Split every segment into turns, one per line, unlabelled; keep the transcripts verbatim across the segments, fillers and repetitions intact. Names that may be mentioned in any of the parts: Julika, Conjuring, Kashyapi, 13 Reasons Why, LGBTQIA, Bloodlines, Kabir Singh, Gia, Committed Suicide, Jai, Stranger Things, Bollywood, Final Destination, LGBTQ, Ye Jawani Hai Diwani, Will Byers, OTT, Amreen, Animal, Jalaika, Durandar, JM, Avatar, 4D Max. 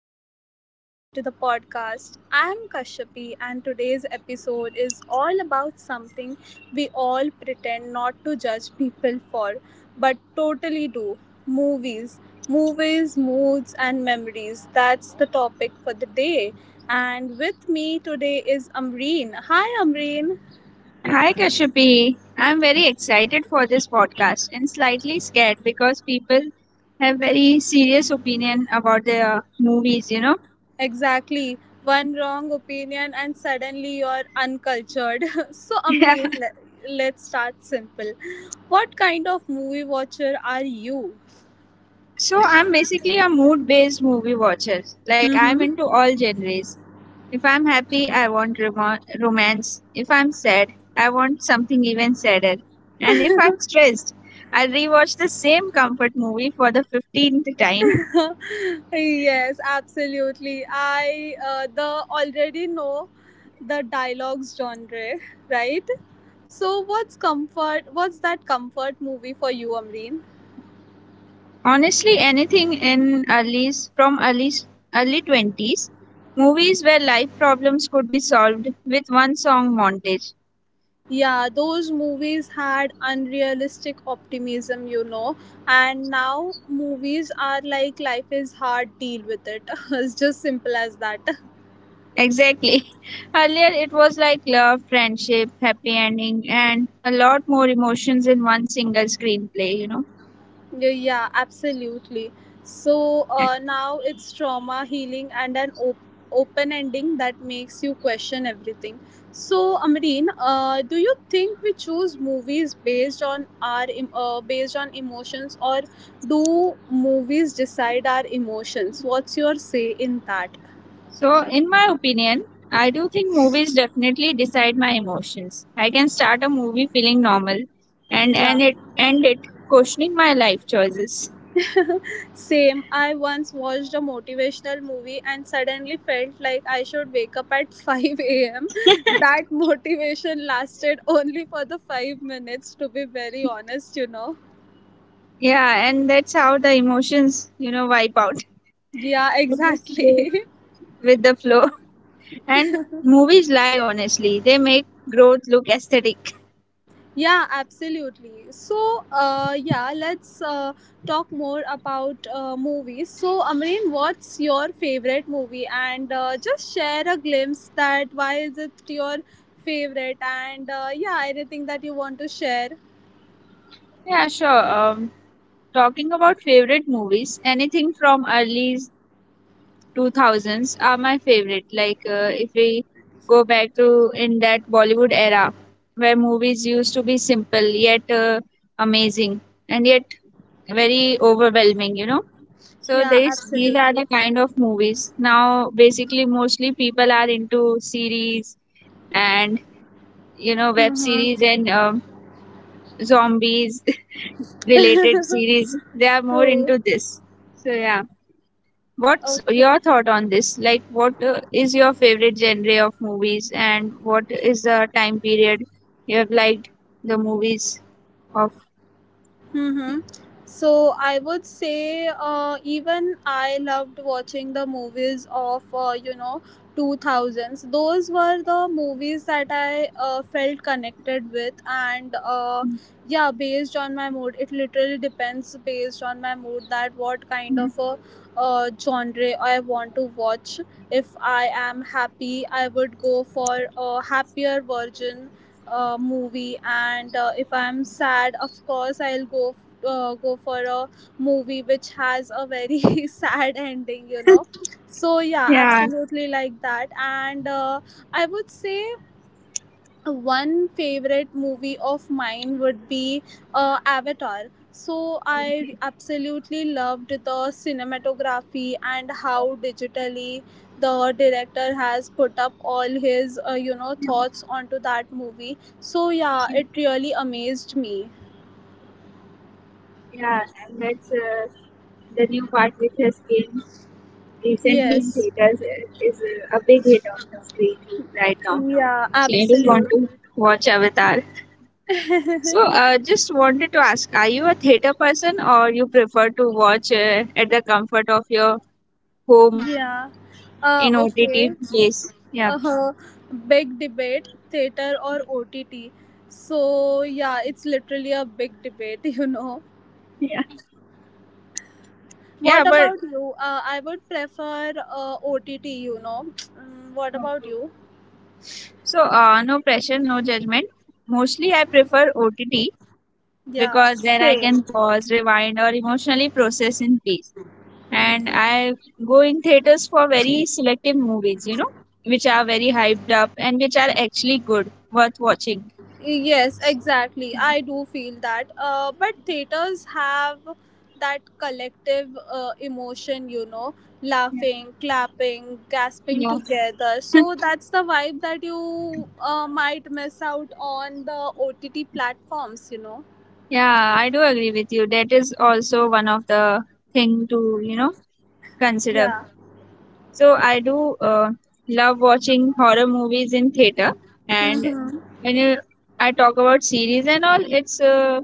everyone, welcome back to the podcast. I am Kashyapi and today's episode is all about something we all pretend not to judge people for but totally do. Movies. Movies, moods and memories. That's the topic for the day. And with me today is Amreen. Hi Amreen.
Hi Kashyapi, I'm very excited for this podcast and slightly scared because people have very serious opinion about their movies, you know.
Exactly. One wrong opinion and suddenly you're uncultured. so, Amreen, le- let's start simple. What kind of movie watcher are you?
So I'm basically a mood-based movie watcher. Like I'm into
Mhm.
all genres. If I'm happy, I want rom- romance. If I'm sad, I want something even sadder. And if I'm stressed, I'll rewatch the same comfort movie for the fifteenth time.
Yes, absolutely. I uh, the already know the dialogues genre, right? So, what's comfort? What's that comfort movie for you, Amreen?
Honestly, anything in early's from early's early twenties, movies where life problems could be solved with one song montage.
Yeah, those movies had unrealistic optimism, you know. And now movies are like life is hard, deal with it. It's just simple as that.
Exactly. Earlier, it was like love, friendship, happy ending, and a lot more emotions in one single screenplay, you know.
Yeah, yeah, absolutely. So uh, now it's trauma healing and an op- open ending that makes you question everything. So Amreen, uh, do you think we choose movies based on our em- uh, based on emotions, or do movies decide our emotions? What's your say in that?
So, in my opinion, I do think movies definitely decide my emotions. I can start a movie feeling normal and, and
Yeah.
it, end it questioning my life choices.
Same. I once watched a motivational movie and suddenly felt like I should wake up at five a m. That motivation lasted only for the five minutes, to be very honest, you know.
Yeah, and that's how the emotions, you know, wipe out.
Yeah,
They just go
exactly.
with the flow. And movies lie honestly. They make growth look aesthetic.
Yeah, absolutely. So, uh, yeah, let's uh, talk more about uh, movies. So, Amreen, what's your favorite movie? And uh, just share a glimpse that why is it your favorite? And uh, yeah, anything that you want to share.
Yeah, sure. Um, talking about favorite movies, anything from early two thousands are my favorite. Like uh, if we go back to in that Bollywood era where movies used to be simple yet uh, amazing and yet very overwhelming, you know. So
Yeah,
these these are
absolutely.
the kind of movies. Now basically mostly people are into series and you know web
Mm-hmm.
series and um, zombies related series. They are more
True.
into this. So yeah, what's
Okay.
your thought on this? Like what uh, is your favorite genre of movies and what is the time period you have liked the movies of?
Mm-hmm. So I would say uh, even I loved watching the movies of uh, you know two thousands. Those were the movies that I uh, felt connected with and uh, yeah, based on my mood. It literally depends based on my mood that what kind of a uh, genre I want to watch. If I am happy, I would go for a happier version uh, movie and uh, if I'm sad, of course I'll go uh, go for a movie which has a very sad ending, you know. So yeah,
Yeah.
absolutely like that. And uh, I would say one favorite movie of mine would be uh, Avatar. So I absolutely loved the cinematography and how digitally the director has put up all his uh, you know, thoughts onto that movie. So yeah,
so-
it really amazed me.
Yeah, and that's uh, the new part which has came recently
Yes.
theaters is a big hit on the screen right now.
Yeah,
So you just
absolutely.
want to watch Avatar. So uh, just wanted to ask, are you a theater person or you prefer to watch uh, at the comfort of your home
Yeah. uh,
in
okay
O T T place? Yeah,
uh, huh. Big debate, theater or OTT? So yeah, it's literally a big debate. You know,
yeah, yeah.
what
But
about you? uh, I would prefer uh, OTT, you know. Mm, what about you?
okay. So uh, no pressure, no judgment. Mostly, I prefer O T T
Yeah,
because then I
same.
can pause, rewind, or emotionally process in peace. And I go in theaters for very selective movies, you know, which are very hyped up and which are actually good, worth watching.
Yes, exactly. I do feel that. Uh, but theaters have that collective uh, emotion, you know,
Yeah,
laughing, clapping, gasping
yeah.
together. So that's the vibe that you uh, might miss out on the O T T platforms, you know.
Yeah, I do agree with you. That is also one of the thing to you know consider.
Yeah.
So I do uh, love watching horror movies in theater, and
Mm-hmm.
when you, I talk about series and all, it's uh,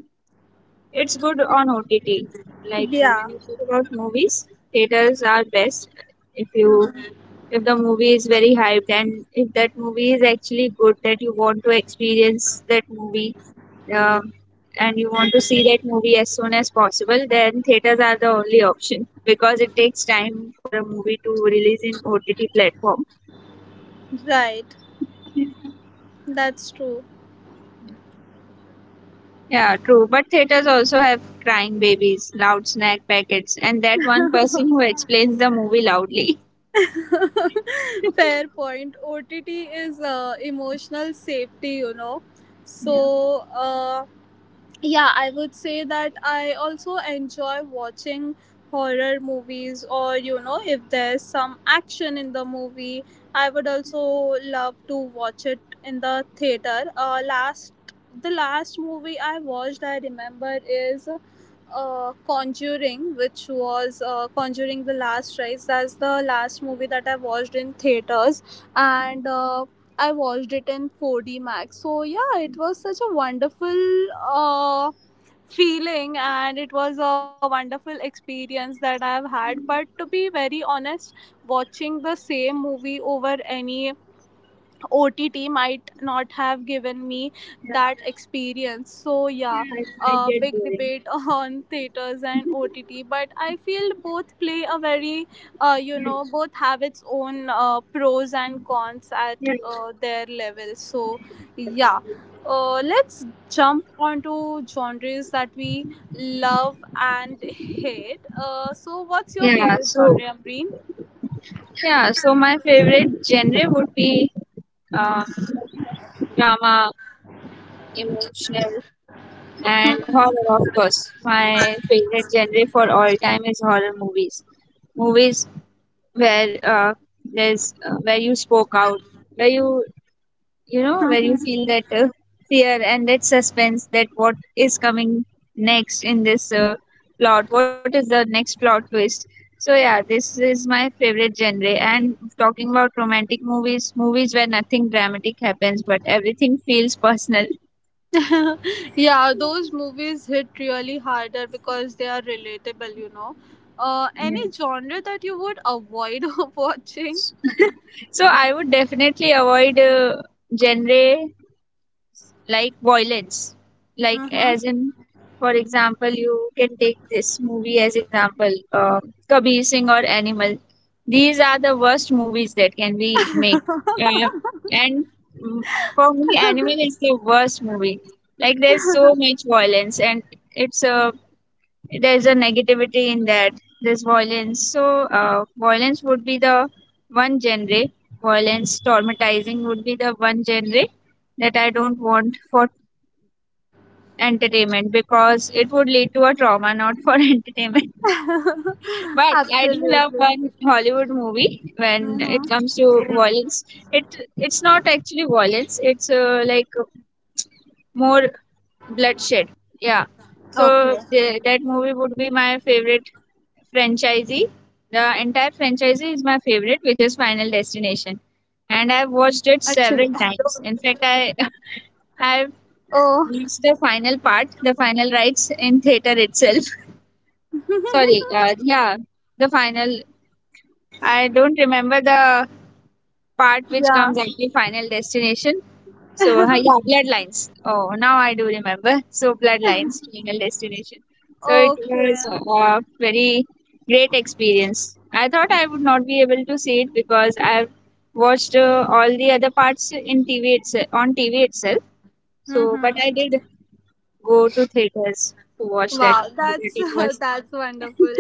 it's good on O T T. Like uh,
Yeah.
when you talk about movies, theaters are best if you if the movie is very hyped and if that movie is actually good that you want to experience that movie, um, and you want to see that movie as soon as possible, then theaters are the only option because it takes time for a movie to release in OTT platform.
Right. That's true.
Yeah, true, but theaters also have crying babies, loud snack packets, and that one person who explains the movie loudly.
Fair point. O T T is uh, emotional safety, you know. So,
Yeah,
uh, yeah I would say that I also enjoy watching horror movies, or you know, if there's some action in the movie, I would also love to watch it in the theater. Uh, last the last movie I watched, I remember, is uh, Conjuring, which was uh, Conjuring the Last Rise. That's the last movie that I watched in theaters. And uh, I watched it in four D Max. So yeah, it was such a wonderful uh, feeling, and it was a wonderful experience that I've had. But to be very honest, watching the same movie over any O T T might not have given me
yeah,
that experience. So yeah,
yeah, it might
a
get
big
boring.
debate on theaters and O T T, but I feel both play a very, uh, you
Yeah,
know, both have its own uh, pros and cons at
yeah.
uh, their level. So yeah. Uh, let's jump onto genres that we love and hate. Uh, so, what's your
Yeah,
favorite
so
genre, Amreen?
Yeah, so my favorite genre would be uh, drama, emotional, and horror, of course. My favorite genre for all time is horror movies. Movies where uh, there's uh, where you spoke out, where you you know where you feel that uh, fear and that suspense, that what is coming next in this uh, plot, what is the next plot twist. So yeah, this is my favorite genre. And talking about romantic movies, movies where nothing dramatic happens but everything feels personal.
Yeah, those movies hit really harder because they are relatable, you know. Uh,
Yeah.
any genre that you would avoid of watching?
So I would definitely avoid uh, genre like violence, like
Mm-hmm.
as in, for example, you can take this movie as example, uh, Kabir Singh or Animal. These are the worst movies that can be made, uh, and mm, for me Animal is the worst movie. Like there's so much violence and it's a there's a negativity in that, there's violence. So uh, violence would be the one genre, violence traumatizing would be the one genre that I don't want for entertainment because it would lead to a trauma, not for entertainment. But I do love
Absolutely.
one Hollywood movie when it
Mm-hmm.
comes to violence. It it's not actually violence. It's uh, like more bloodshed. Yeah. So
Okay.
the, that movie would be my favorite franchisee. The entire franchisee is my favorite, which is Final Destination, and I've watched it
Chill.
several times. In fact, I I've
Oh,
watched the final part, the final rites in theater itself. Sorry, uh, yeah, the final. I don't remember the part which
yeah.
comes after Final Destination. So, uh, yeah, Bloodlines. Oh, now I do remember. So, Bloodlines, Final Destination. So, it was
Okay.
a very great experience. I thought I would not be able to see it because I've watched uh, all the other parts in T V itself, on T V itself. So, but I
Mm-hmm.
did go to theaters to watch that
Wow,
movie,
that's
but it was.
that's wonderful.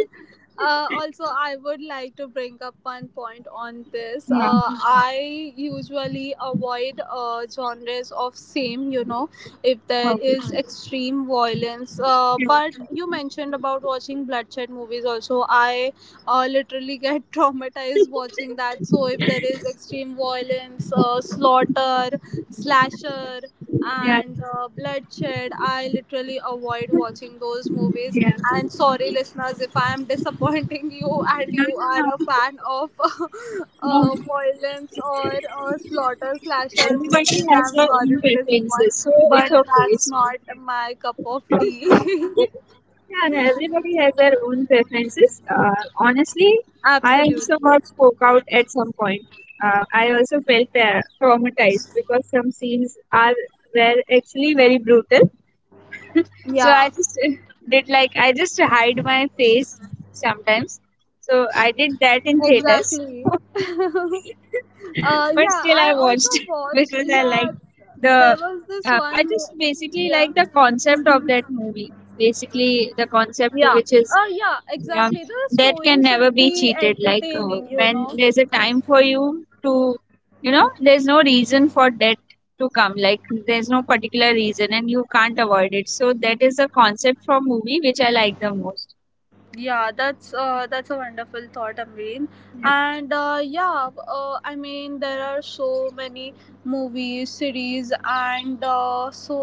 Uh, also, I would like to bring up one point on this. Uh, I usually avoid uh, genres of same, you know, if there is extreme violence. Uh, but you mentioned about watching bloodshed movies also. I uh, literally get traumatized watching that. So, if there is extreme violence, uh, slaughter, slasher
Yeah,
and
yeah,
uh, bloodshed, I literally avoid watching those
yeah.
movies. And sorry listeners, if I am disappointing you, and
No,
you are a
no,
fan of
no,
uh,
no.
violence or uh, slaughter slasher
Everybody
movies,
has
I'm
their
sorry
own
to disappoint,
preferences, so it's
but
okay.
that's
It's
not
okay.
my cup of tea.
Yeah, and everybody has their own preferences. Uh, honestly, I also
Absolutely.
got spoke out at some point. Uh, I also felt uh, traumatized because some scenes are were actually very brutal. So
Yeah.
I just did like I just hide my face sometimes. So I did that in theaters.
Exactly. Uh,
But
yeah,
still I
I also
watched
watch.
because I
Yeah,
liked
there
the.
was this
Uh, I
one.
just
mo-
basically
Yeah,
like the concept of that movie. Basically, the concept
yeah,
which is
uh, yeah,
um,
exactly. The
that
story
can never
should
be
be
cheated. Like uh,
entertaining, you
when
know.
there's a time for you to, you know, there's no reason for debt to come. Like there's no particular reason, and you can't avoid it. So that is the concept from movie which I like the most.
Yeah, that's uh, that's a wonderful thought, Amreen.
Yeah.
And uh, yeah, uh, I mean there are so many movies, series, and uh, so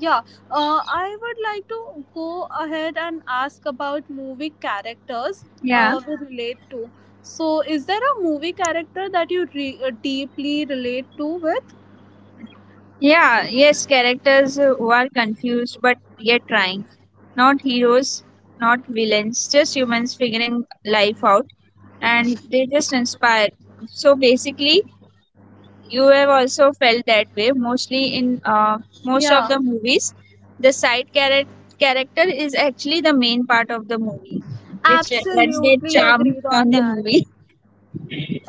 yeah. Uh, I would like to go ahead and ask about movie characters
Yeah.
uh, we relate to. So, is there a movie character that you re- uh, deeply relate to with?
Yeah, yes, characters who are confused but yet trying. Not heroes, not villains, just humans figuring life out, and they just inspire. So basically, you have also felt that way mostly in uh, most of
Yeah,
the movies. The side charac- character is actually the main part of the movie, which uh, adds their
absolutely
charm
agreed on
on the
that.
movie.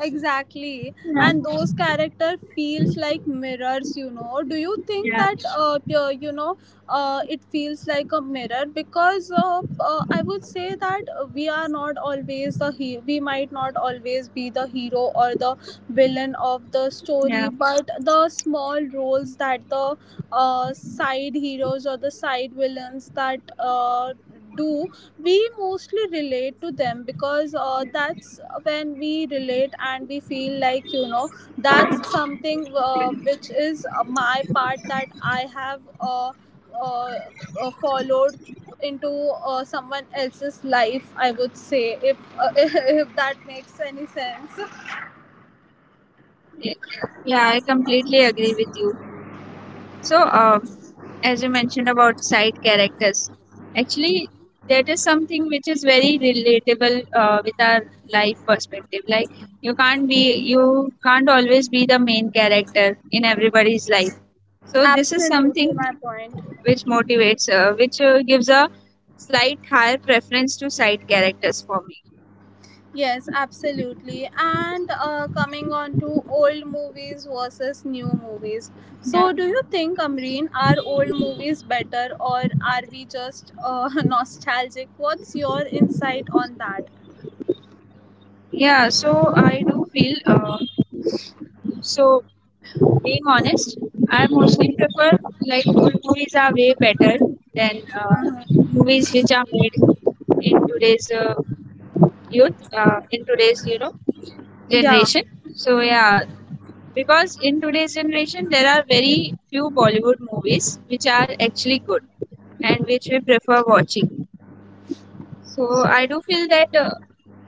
Exactly. And those character feels like mirrors, you know? Do you think
Yeah,
that uh, p- you know, uh, it feels like a mirror? Because uh, uh, I would say that we are not always the he- we might not always be the hero or the villain of the
yeah,
story, but the small roles that the uh, side heroes or the side villains that uh, do, we mostly relate to them. Because uh, that's when we relate and we feel like, you know, that's something uh, which is uh, my part that I have uh, uh, uh, followed into uh, someone else's life, I would say, if uh, if that makes any sense.
yeah. Yeah, I completely agree with you. So, um, as you mentioned about side characters, actually that is something which is very relatable uh, with our life perspective, like you can't be you can't always be the main character in everybody's life. So this is
Absolutely
something
my point.
which motivates, uh, which uh, gives a slight higher preference to side characters for me.
Yes, absolutely. And uh, coming on to old movies versus new movies.
Yeah,
So, do you think, Amreen, are old movies better, or are we just uh, nostalgic? What's your insight on that?
yeah, so I do feel uh, so being honest, I mostly prefer like old movies are way better than uh, movies which are made in today's uh, youth, uh, in today's you know
Yeah.
generation. So yeah, because in today's generation there are very few Bollywood movies which are actually good and which we prefer watching. So I do feel that uh,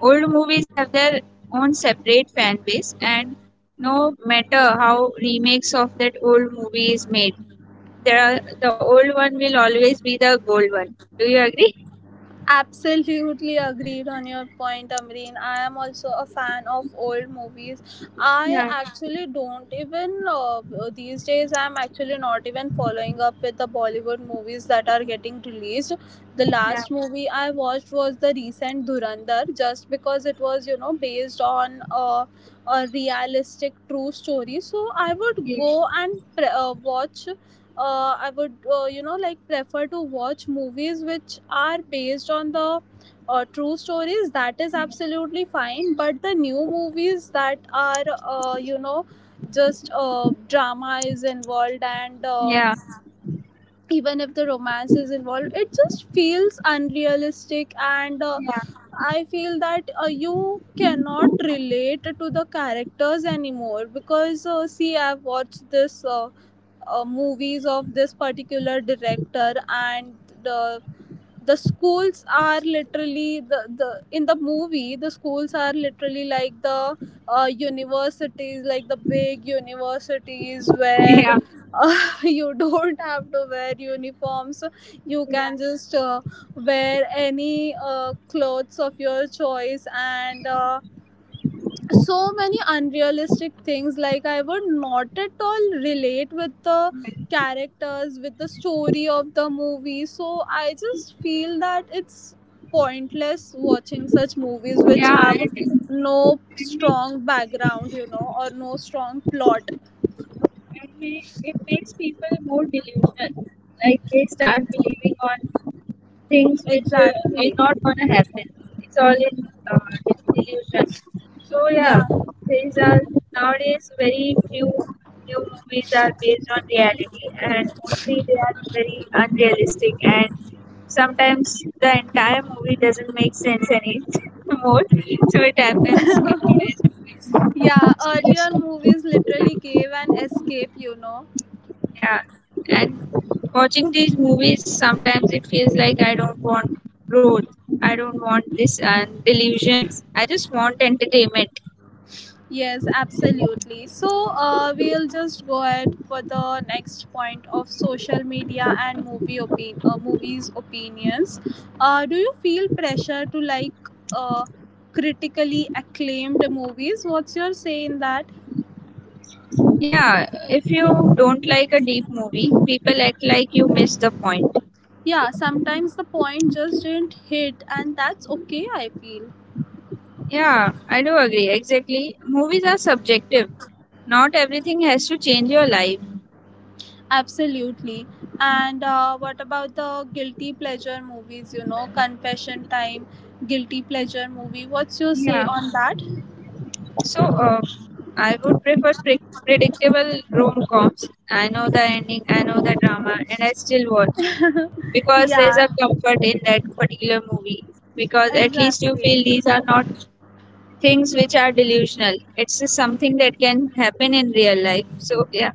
old movies have their own separate fan base, and no matter how remakes of that old movie is made, there are, the old one will always be the gold one. Do you agree?
Absolutely agreed on your point, Amreen. I am also a fan of old movies. I
Yeah,
actually don't even uh, these days. I'm actually not even following up with the Bollywood movies that are getting released. The
yeah,
last movie I watched was the recent Durandar, just because it was, you know, based on uh, a realistic true story. So I would
yeah,
go and pre- uh, watch uh, I would, uh, you know, like prefer to watch movies which are based on the uh, true stories. That is absolutely fine. But the new movies that are, uh, you know, just uh, drama is involved, and uh,
yeah,
even if the romance is involved, it just feels unrealistic. And uh,
yeah,
I feel that uh, you cannot relate to the characters anymore, because uh, see, I've watched this uh, uh, movies of this particular director, and the the schools are literally the, the in the movie the schools are literally like the uh, universities, like the big universities where
yeah,
uh, you don't have to wear uniforms. You
yeah,
can just uh, wear any uh, clothes of your choice. And uh, so many unrealistic things, like I would not at all relate with the characters, with the story of the movie. So I just feel that it's pointless watching such movies which
yeah. And
have
it, it,
no
make,
strong background, you know, or no strong plot.
it, make, it makes people more delusional. Like they start believing on things which uh, is
Exactly.
not gonna happen. It's all in uh, illusion. So yeah,
Yeah.
these are nowadays very few new movies are based on reality, and mostly they are very unrealistic. And sometimes the entire movie doesn't make sense anymore. So it happens in today's movies.
Yeah,
So just.
earlier movies literally gave an escape, you know.
Yeah, and watching these movies, sometimes it feels like I don't want growth. I don't want this and delusions. I just want entertainment.
Yes, absolutely. So, uh, we'll just go ahead for the next point of social media and movie opin- uh, movies opinions. Uh, do you feel pressure to like uh, critically acclaimed movies? What's your say in that?
Yeah, if you don't like a deep movie, people act like you missed the point.
Yeah, sometimes the point just didn't hit, and that's okay, I feel.
Yeah, I do agree. Exactly. Movies are subjective. Not everything has to change your life.
Absolutely. And uh, what about the guilty pleasure movies, you know, confession time, guilty pleasure movie? What's your say
Yeah.
on that?
So, uh, I would prefer pre- predictable rom coms. I know the ending, I know the drama, and I still watch. Because there's
Yeah,
a comfort in that particular movie, because at least you
exactly.
feel these are not things which are delusional, it's just something that can happen in real life. So yeah,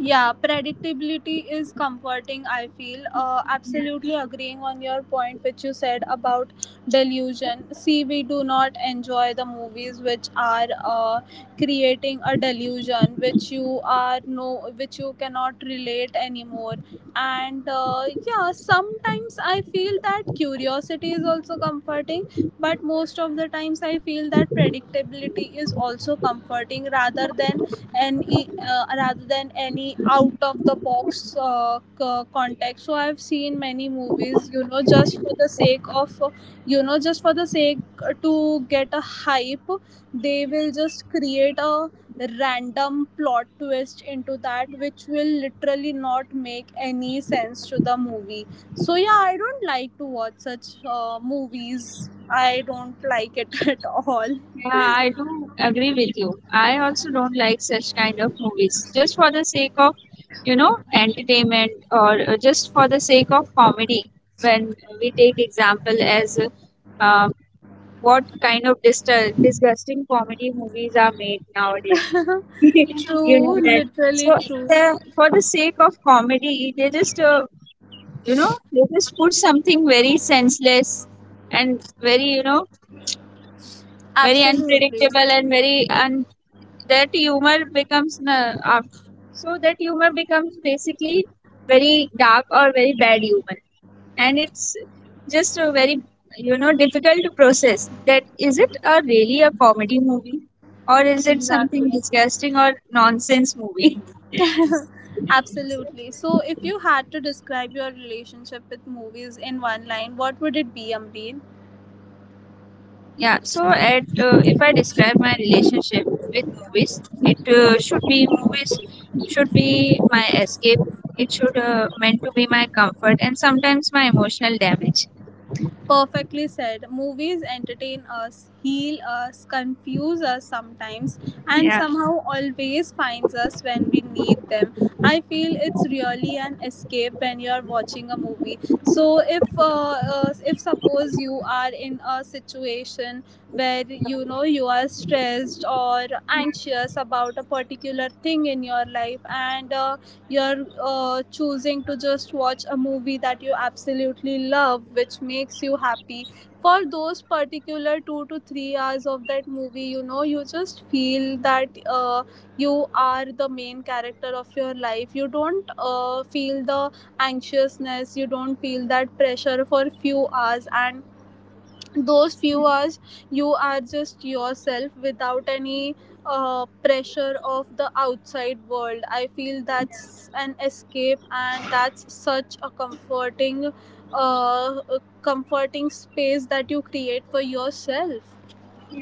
Yeah, predictability is comforting, I feel. Uh, absolutely agreeing on your point, which you said about delusion. See, we do not enjoy the movies which are uh, creating a delusion, which you are no, which you cannot relate anymore. And uh, yeah, sometimes I feel that curiosity is also comforting, but most of the times I feel that predictability is also comforting rather than and e- uh, rather than any out of the box uh, c- context. So I've seen many movies, you know, just for the sake of uh, you know, just for the sake to get a hype. They will just create a random plot twist into that which will literally not make any sense to the movie. So yeah, I don't like to watch such uh, movies. I don't like it at all.
yeah, I do agree with you. I also don't like such kind of movies just for the sake of you know entertainment or uh, just for the sake of comedy. When we take example as, uh, what kind of disgu- disgusting comedy movies are made nowadays? You know
True,
that.
literally
So
true.
uh, for the sake of comedy, they just uh, you know they just put something very senseless and very you know very
Absolutely.
unpredictable and very un- that humor becomes uh, so that humor becomes basically very dark or very bad humor, and it's just a very you know difficult to process. That is it a really a comedy movie, or is it something
Exactly.
disgusting or nonsense movie?
Absolutely. So, if you had to describe your relationship with movies in one line, what would it be, Amreen?
Yeah, so at uh, if I describe my relationship with movies, it uh, should be movies should be my escape. It should uh, meant to be my comfort, and sometimes my emotional damage.
Perfectly said. Movies entertain us, heal us, confuse us sometimes, and
Yeah.
somehow always finds us when we need them. I feel it's really an escape when you're watching a movie. So if uh, uh, if suppose you are in a situation where, you know, you are stressed or anxious about a particular thing in your life. And uh, you're uh, choosing to just watch a movie that you absolutely love, which makes you happy for those particular two to three hours of that movie. You know, you just feel that uh, you are the main character of your life. You don't uh, feel the anxiousness, you don't feel that pressure for few hours. And those few hours you are just yourself without any uh, pressure of the outside world. I feel that's an escape, and that's such a comforting uh, comforting space that you create for yourself.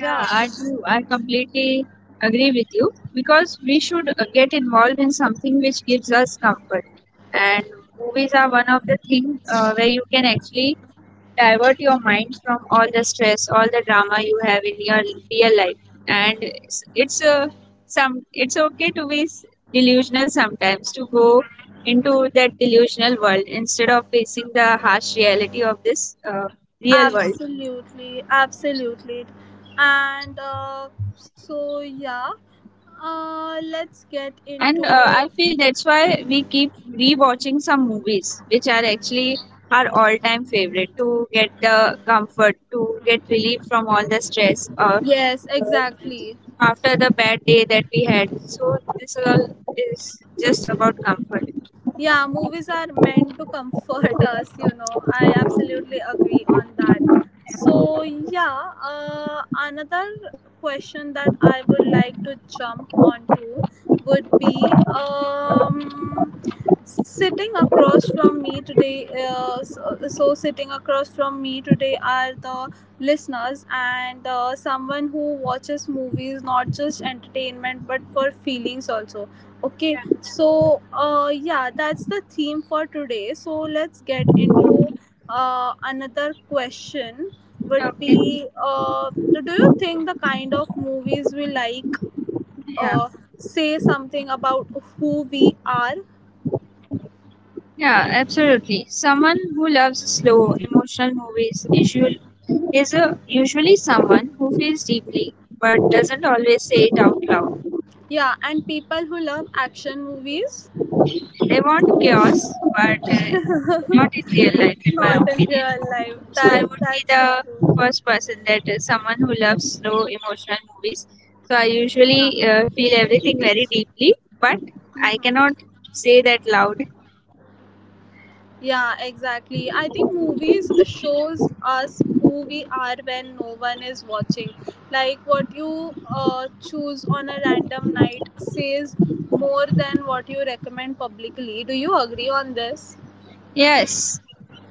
Yeah,
I do. I completely agree with you, because we should uh, get involved in something which gives us comfort. And movies are one of the things uh, where you can actually divert your mind from all the stress, all the drama you have in your real life. And it's, it's uh, some it's okay to be s- delusional sometimes, to go into that delusional world instead of facing the harsh reality of this uh, real world.
absolutely, absolutely. And uh, so yeah, uh, let's get into.
And uh, I feel that's why we keep rewatching some movies, which are actually our all-time favorite, to get the comfort, to get relief from all the stress of
Yes, exactly.
after the bad day that we had. So this all is just about comfort.
Yeah, movies are meant to comfort us, you know. I absolutely agree on that. So, yeah, uh, another question that I would like to jump onto would be um, sitting across from me today. Uh, so, so, sitting across from me today are the listeners and uh, someone who watches movies not just entertainment but for feelings also. Okay. So, uh, yeah, that's the theme for today. So, let's get into uh, another question.
Yeah.
Would
Okay.
be uh, do you think the kind of movies we like
Yeah.
uh, say something about who we are?
Yeah, absolutely. Someone who loves slow, emotional movies usual is a, usually someone who feels deeply but doesn't always say it out loud.
Yeah, and people who love action movies,
I want chaos, but uh,
not
not in real life, in my
in
opinion.
real life.
So
That
I would be
that's so
the
true.
first person, that uh, someone who loves slow emotional movies. So I
Yeah.
usually uh, feel everything very deeply, but I cannot say that loud.
Yeah, exactly. I think movies shows us who we are when no one is watching. Like what you uh, choose on a random night says more than what you recommend publicly. Do you agree on this?
Yes.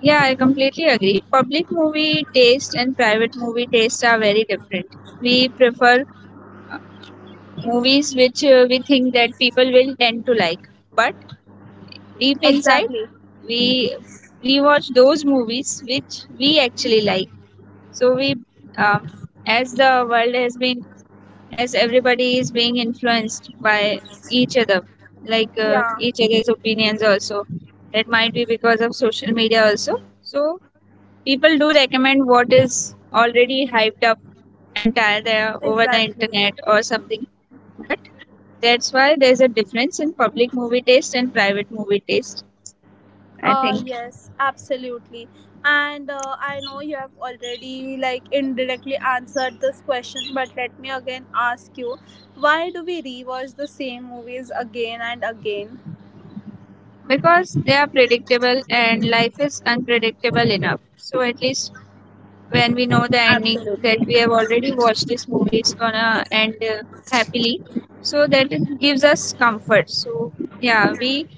Yeah, I completely agree. Public movie taste and private movie taste are very different. We prefer movies which uh, we think that people will tend to like, but deep inside
Exactly.
we rewatch those movies which we actually like. So we um, as the world has been, as everybody is being influenced by each other, like uh,
Yeah,
each other's opinions also, that might be because of social media also. So people do recommend what is already hyped up and tired there over the
exactly.
internet or something. But that's why there's a difference in public movie taste and private movie taste, I
Uh,
think.
yes, absolutely. And uh, I know you have already like indirectly answered this question, but let me again ask you, why do we rewatch the same movies again and again?
Because they are predictable, and life is unpredictable enough. So at least when we know the ending, that
Absolutely.
we have already watched this movie, it's gonna end uh, happily. So that gives us comfort. So yeah, we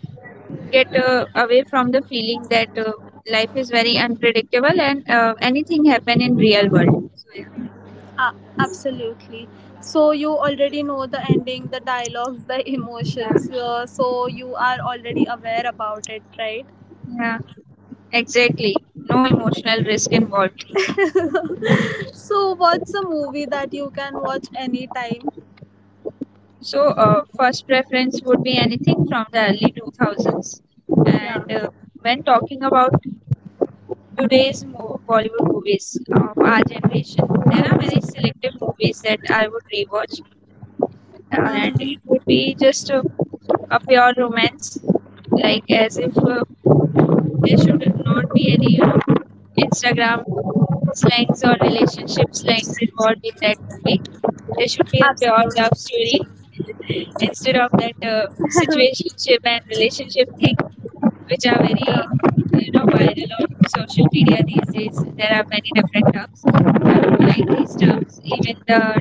get uh, away from the feeling that uh, life is very unpredictable, and uh, anything happen in real world. So
Uh, Absolutely. So you already know the ending, the dialogues, the
yeah, yeah,
emotions. Uh, so you are already aware about it, right?
yeah, exactly. No emotional risk involved.
So what's a movie that you can watch anytime?
So, uh, first preference would be anything from the early two thousands.
Yeah.
And uh, when talking about today's mo- Bollywood movies of our generation, there are very selective movies that I would rewatch, uh, and it
Mm-hmm.
would be just a, a pure romance, like as if uh, there should not be any, you know, Instagram slangs or relationship slangs involved in that movie. There should be a pure love
Absolutely.
story, instead of that uh, situationship and relationship thing, which are very, you know, viral on social media these days. There are many different terms. I don't like these terms, even the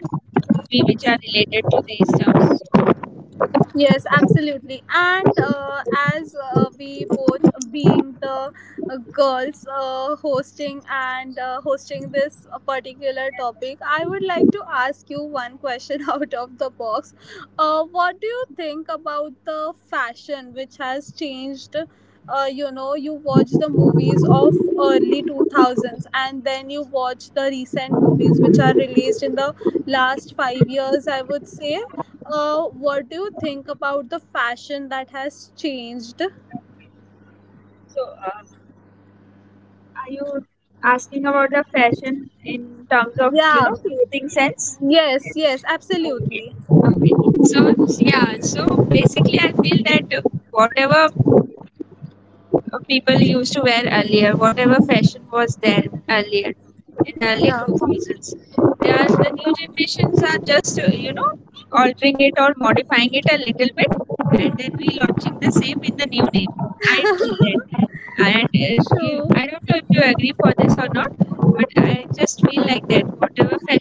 we which are related to these terms.
Yes, absolutely. And uh, as uh, we both being the uh, girls uh, hosting and uh, hosting this uh, particular topic, I would like to ask you one question out of the box. Uh, what do you think about the fashion which has changed? Uh, you know, you watch the movies of early two thousands, and then you watch the recent movies which are released in the last five years, I would say uh, what do you think about the fashion that has changed?
So, uh, are you asking about the fashion in terms of, you
Yeah.
know, clothing sense?
Yes, yes, absolutely. Yeah. True.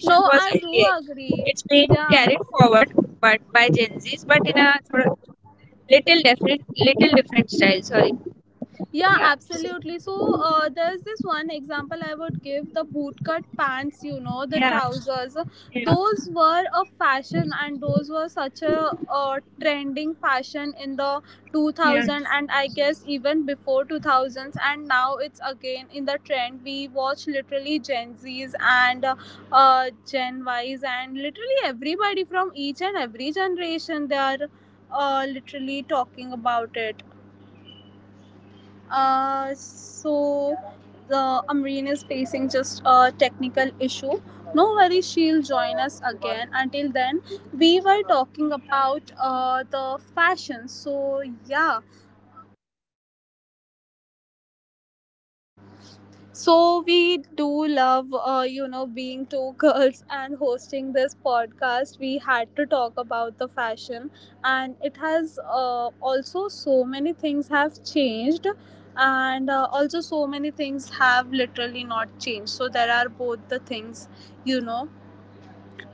No, I do agree. Yeah. Yeah, absolutely. So uh, there's this one example I would give: the bootcut pants, you know, the trousers. Those were a fashion, and those were such a uh, trending fashion in the two thousand, and I guess even before two thousands. And now it's again in the trend. We watch literally Gen Zs and uh, uh, Gen Ys and literally everybody from each and every generation, they are uh, literally talking about it. Uh, so the Amreen is facing just a technical issue. No worries, she'll join us again. Until then, we were talking about uh, the fashion. So yeah. So we do love, uh, you know, being two girls and hosting this podcast. We had to talk about the fashion, and it has uh, also so many things have changed. And uh, also so many things have literally not changed. So there are both the things, you know.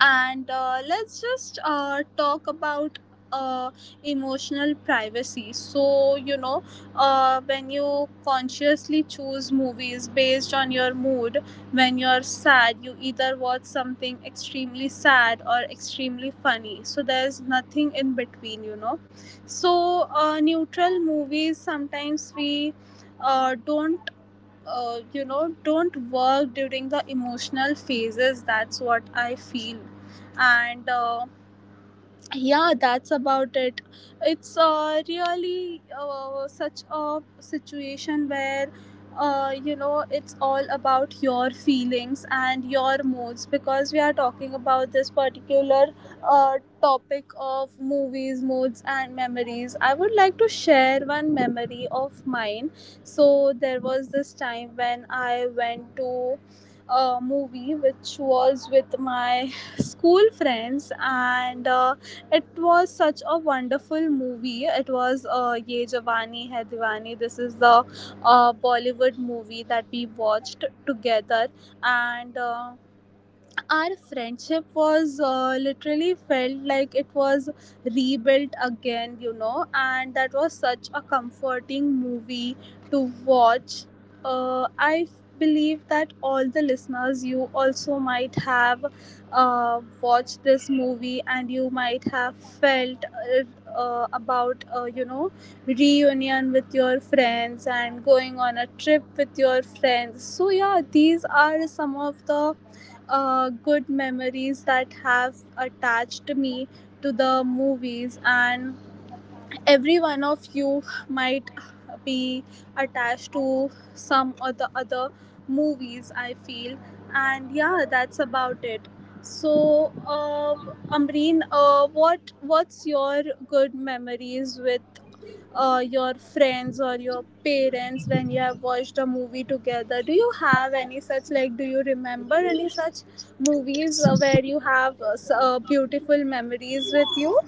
And uh, let's just uh, talk about uh, emotional privacy. So, you know, uh, when you consciously choose movies based on your mood, when you're sad, you either watch something extremely sad or extremely funny. So, there's nothing in between, you know. So, uh, neutral movies sometimes we uh, don't uh, you know don't work during the emotional phases, that's what I feel. And uh, yeah that's about it. It's uh, really uh, such a situation where uh, you know it's all about your feelings and your moods, because we are talking about this particular uh, topic of movies, moods and memories. I would like to share one memory of mine. So there was this time when I went to a movie which was with my school friends, and uh, it was such a wonderful movie. It was uh, Ye Jawani Hai Diwani. This is the uh, Bollywood movie that we watched together, and. Uh, our friendship was, uh, literally felt like it was rebuilt again, you know, and that was such a comforting movie to watch. Uh, i f- believe that all the listeners, you also might have uh, watched this movie, and you might have felt, uh, uh, about uh, you know reunion with your friends and going on a trip with your friends. So yeah, these are some of the uh, good memories that have attached me to the movies, and every one of you might be attached to some or the other movies, I feel. And yeah, that's about it. So, uh, Amreen, uh, what what's your good memories with uh, your friends or your parents when you have watched a movie together? Do you have any such, like, do you remember any such movies uh, where you have uh, s- uh, beautiful memories with you?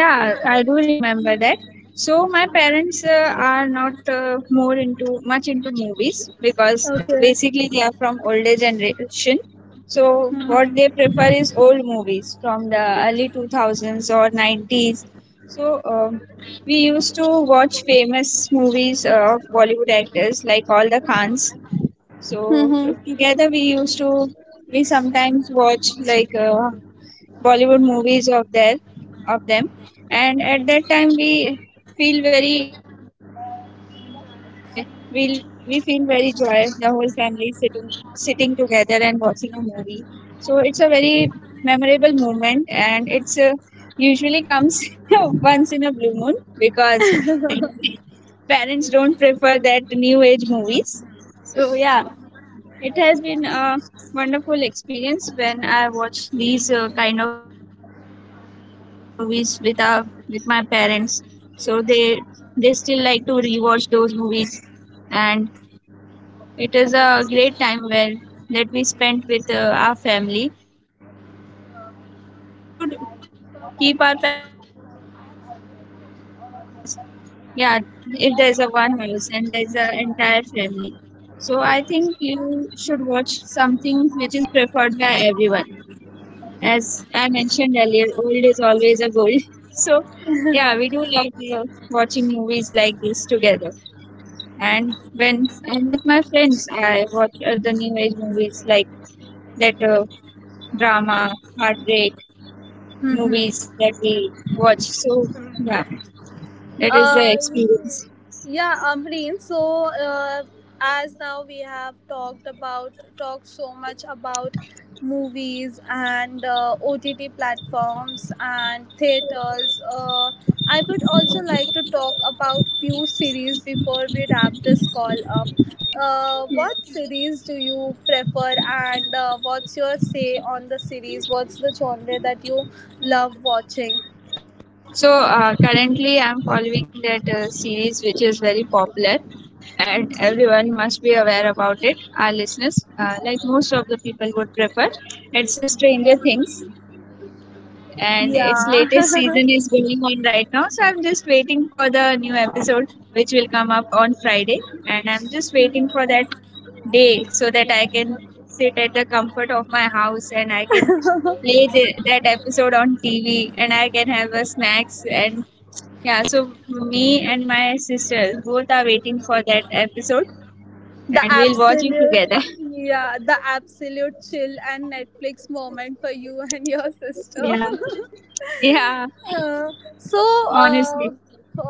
Yeah, I do remember that. So my parents uh, are not uh, more into much into movies, because uh,
Okay.
basically they are from older generation. So what
Mm-hmm.
they prefer is old movies from the early two thousands or nineties. So um we used to watch famous movies uh, of Bollywood actors, like all the Khans. So
Mm-hmm.
t- together we used to, we sometimes watch like uh, Bollywood movies of their, of them, and at that time we feel very, you know, enjoy. We we feel very joy. The whole family sitting sitting together and watching a movie. So it's a very memorable moment, and it's a, usually comes once in a blue moon, because parents don't prefer that new age movies. So yeah, it has been a wonderful experience when I watch these uh, kind of early two thousands movies with our, with my parents. So they they still like to rewatch those movies, and it is a great time where that we spent with uh, our family. And I think uh, we should keep our parents' preferences in mind sometimes also, because yeah, if there's a one house and there's an entire family. So I think you should watch something which is preferred by everyone. As I mentioned earlier, old is always a gold. So yeah, we do love uh, watching movies like this together. And when and with my friends, I watch uh, the new age movies, like that uh, drama, heartbreak movies
Mm-hmm.
that we watch. So yeah, that is the
Uh,
experience.
Yeah, Amreen. So, uh, as now we have talked about talked so much about movies and uh, O T T platforms and theaters. Uh, I would also like to talk about few series before we wrap this call up. Uh, what series do you prefer, and uh, what's your say on the series? What's the genre that you love watching?
So uh, currently, I'm following that uh, series which is very popular, and everyone must be aware about it. Our listeners, uh, like most of the people, would prefer. It's a Stranger Things, and
Yeah.
its latest season is going on right now. So I'm just waiting for the new episode, which will come up on Friday, and I'm just waiting for that day so that I can sit at the comfort of my house, and I can play that episode on T V, and I can have a snacks. And yeah, so me and my sister both are waiting for that episode,
The
and we'll watch it
absolute,
together.
yeah, the absolute chill and Netflix moment for you and your sister.
Yeah. Yeah,
Uh, so, uh,
honestly.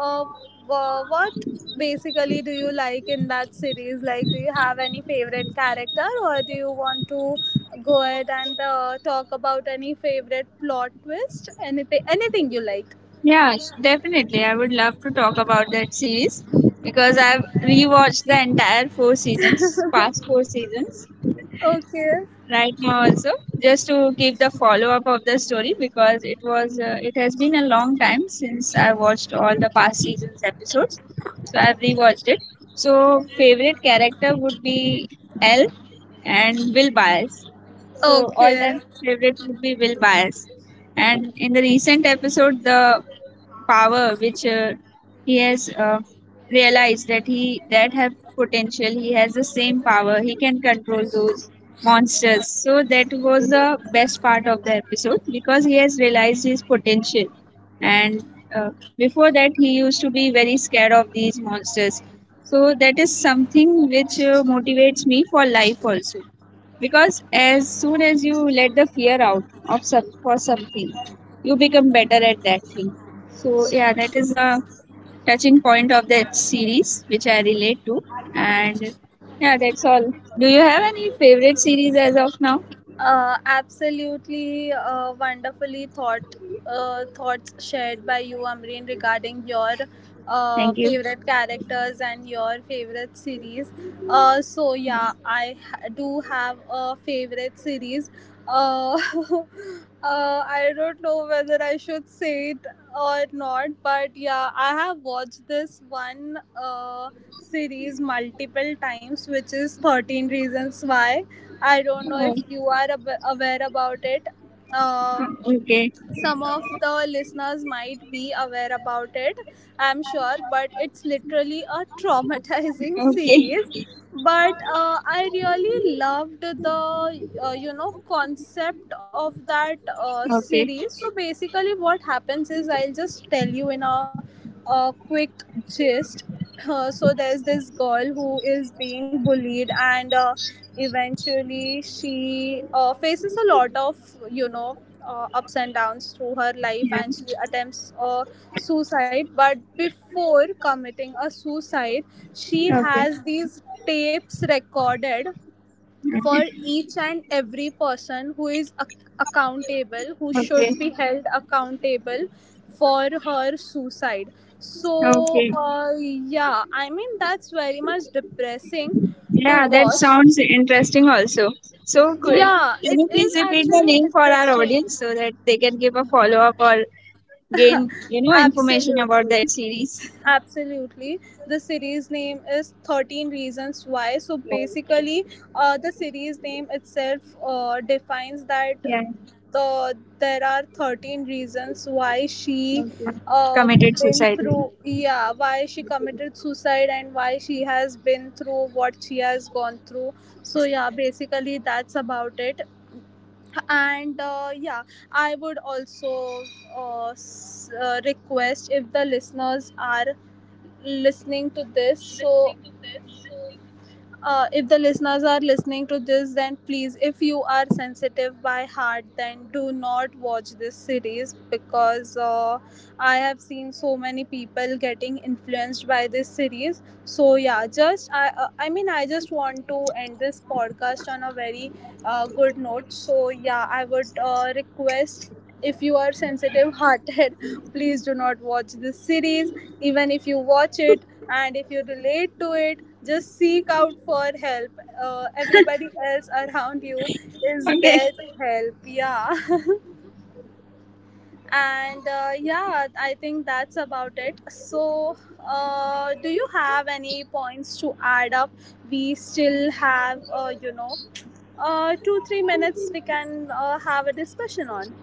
uh, wha- what basically do you like in that series? Like, do you have any favorite character, or do you want to go ahead and uh, talk about any favorite plot twist? Anything, anything you like.
Yeah, s- definitely. I would love to talk about that series, because I've rewatched the entire four seasons, past four seasons,
Okay.
right now also, just to give the follow up of the story, because it was uh, it has been a long time since I watched all the past seasons episodes. So I've rewatched it. So favorite character would be L and Will bias so all
Okay.
time favorite would be Will bias and in the recent episode, the power which uh, he has uh, realized, that he that have potential he has the same power, he can control those monsters. So that was the best part of the episode, because he has realized his potential. And uh, before that he used to be very scared of these monsters. So that is something which uh, motivates me for life also, because as soon as you let the fear out of some, for something, you become better at that thing. So yeah, that is a touching point of that series which I relate to. And yeah, that's all. Do you have any favorite series as of now?
Uh, absolutely uh, wonderfully thought uh, thoughts shared by you, Amreen, regarding your
Thank you.
uh, favorite characters and your favorite series. Uh, so yeah, I ha- do have a favorite series. Uh, uh, I don't know whether I should say it or not, but yeah, I have watched this one uh, series multiple times, which is thirteen Reasons Why. I don't know
Oh,
if you are ab- aware about it. Um,
okay.
some of the listeners might be aware about it, I'm sure, but it's literally a traumatizing
Okay.
series. But uh, I really loved the uh, you know concept of that uh,
Okay.
series. So basically what happens is, I'll just tell you in a, a quick gist. Uh, so there's this girl who is being bullied, and uh, eventually she uh, faces a lot of, you know, uh, ups and downs through her life,
Yeah.
and she attempts uh, suicide. But before committing a suicide, she
Okay.
has these tapes recorded for each and every person who is ac- accountable, who
Okay.
should be held accountable for her suicide. so
Okay.
uh, yeah, I mean, that's very much depressing to
Yeah, that
watch.
sounds interesting also. So, could,
Yeah,
yeah, can
it
you please
is
repeat the
actually
name for our
interesting,
audience, so that they can give a follow up or gain, you know, information about
absolutely.
that series?
Absolutely. The series name is thirteen Reasons Why. So basically, uh, the series name itself uh, defines that
Yeah.
the there are thirteen reasons why she
Okay.
uh,
Committed
been
suicide.
through yeah why she committed suicide and why she has been through what she has gone through. So yeah, basically that's about it. And uh, yeah, I would also uh, s- uh, request, if the listeners are listening to this, so uh, if the listeners are listening to this, then please, if you are sensitive by heart, then do not watch this series, because uh, I have seen so many people getting influenced by this series. So yeah, just I uh, I mean I just want to end this podcast on a very uh, good note. So yeah, I would uh, request, if you are sensitive hearted, please do not watch this series. Even if you watch it and if you relate to it, just seek out for help. Uh, everybody else around you is
Okay.
there to help. Yeah. and uh, yeah, I think that's about it. So uh, do you have any points to add up? We still have, uh, you know uh, two three minutes, we can uh, have a discussion on.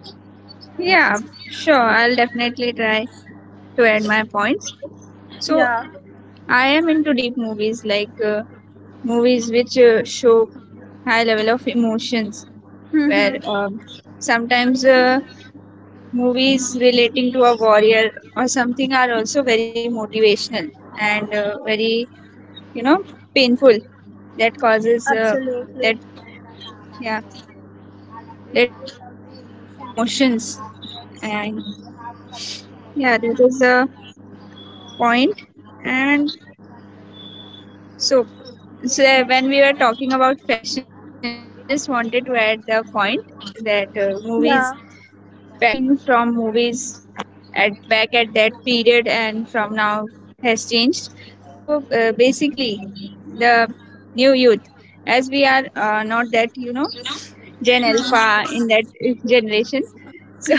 Yeah, sure. I'll definitely try to add my points. So,
Yeah.
I am into deep movies, like uh, movies which uh, show high level of emotions, where
Mm-hmm.
um, sometimes uh, movies relating to a warrior or something are also very motivational, and uh, very, you know, painful, that causes uh,
Absolutely.
that yeah, that pulls out the emotions. And yeah, that is the point. And so, so uh, when we were talking about fashion, I just wanted to add the point that uh, movies
Yeah.
fashion from movies at back at that period and from now has changed. So uh, basically the new youth, as we are uh, not that, you know, gen alpha
Mhm.
in that uh, generation, so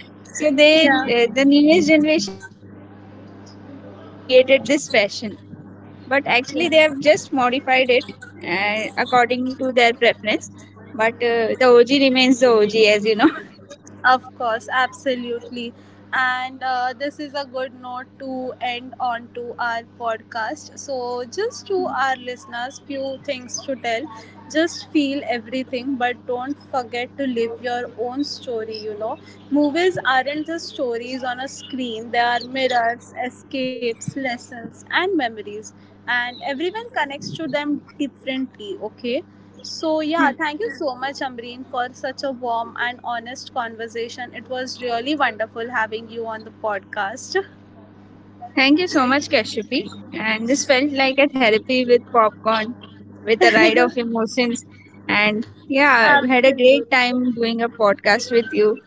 so they uh,
Yeah.
the newest generation thinks that they have created this fashion, but actually they have just modified it uh, according to their preference. But uh, the OG remains the OG, as you know.
Of course, absolutely. And uh, this is a good note to end on to our podcast. So, just to our listeners, few things to tell. Just feel everything, but don't forget to live your own story. You know, movies aren't just stories on a screen, they are mirrors, escapes, lessons, and memories. And everyone connects to them differently, okay? So, yeah, thank you so much, Amreen, for such a warm and honest conversation. It was really wonderful having you on the podcast.
Thank you so much, Kashyapi. And this felt like a therapy with popcorn, with a ride of emotions. And yeah, we had a
Absolutely.
great time doing a podcast with you.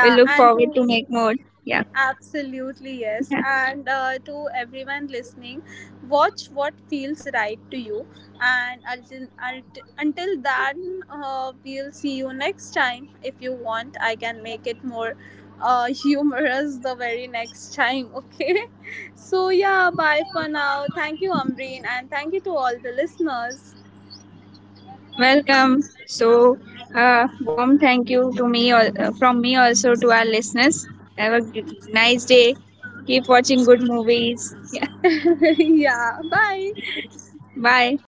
We look
and to
forward to make more. Yeah.
Absolutely, yes.
Yeah.
And uh, to everyone listening, watch what feels right to you. And until, until until then, uh, we'll see you next time. If you want, I can make it more uh, humorous the very next time, okay? So, yeah, bye for now. Thank you, Amreen, and thank you to all the listeners.
Welcome. So, uh, warm thank you to me al- uh, from me also to our listeners. Have a g- nice day. Keep watching good movies. Yeah.
Yeah, bye.
Bye.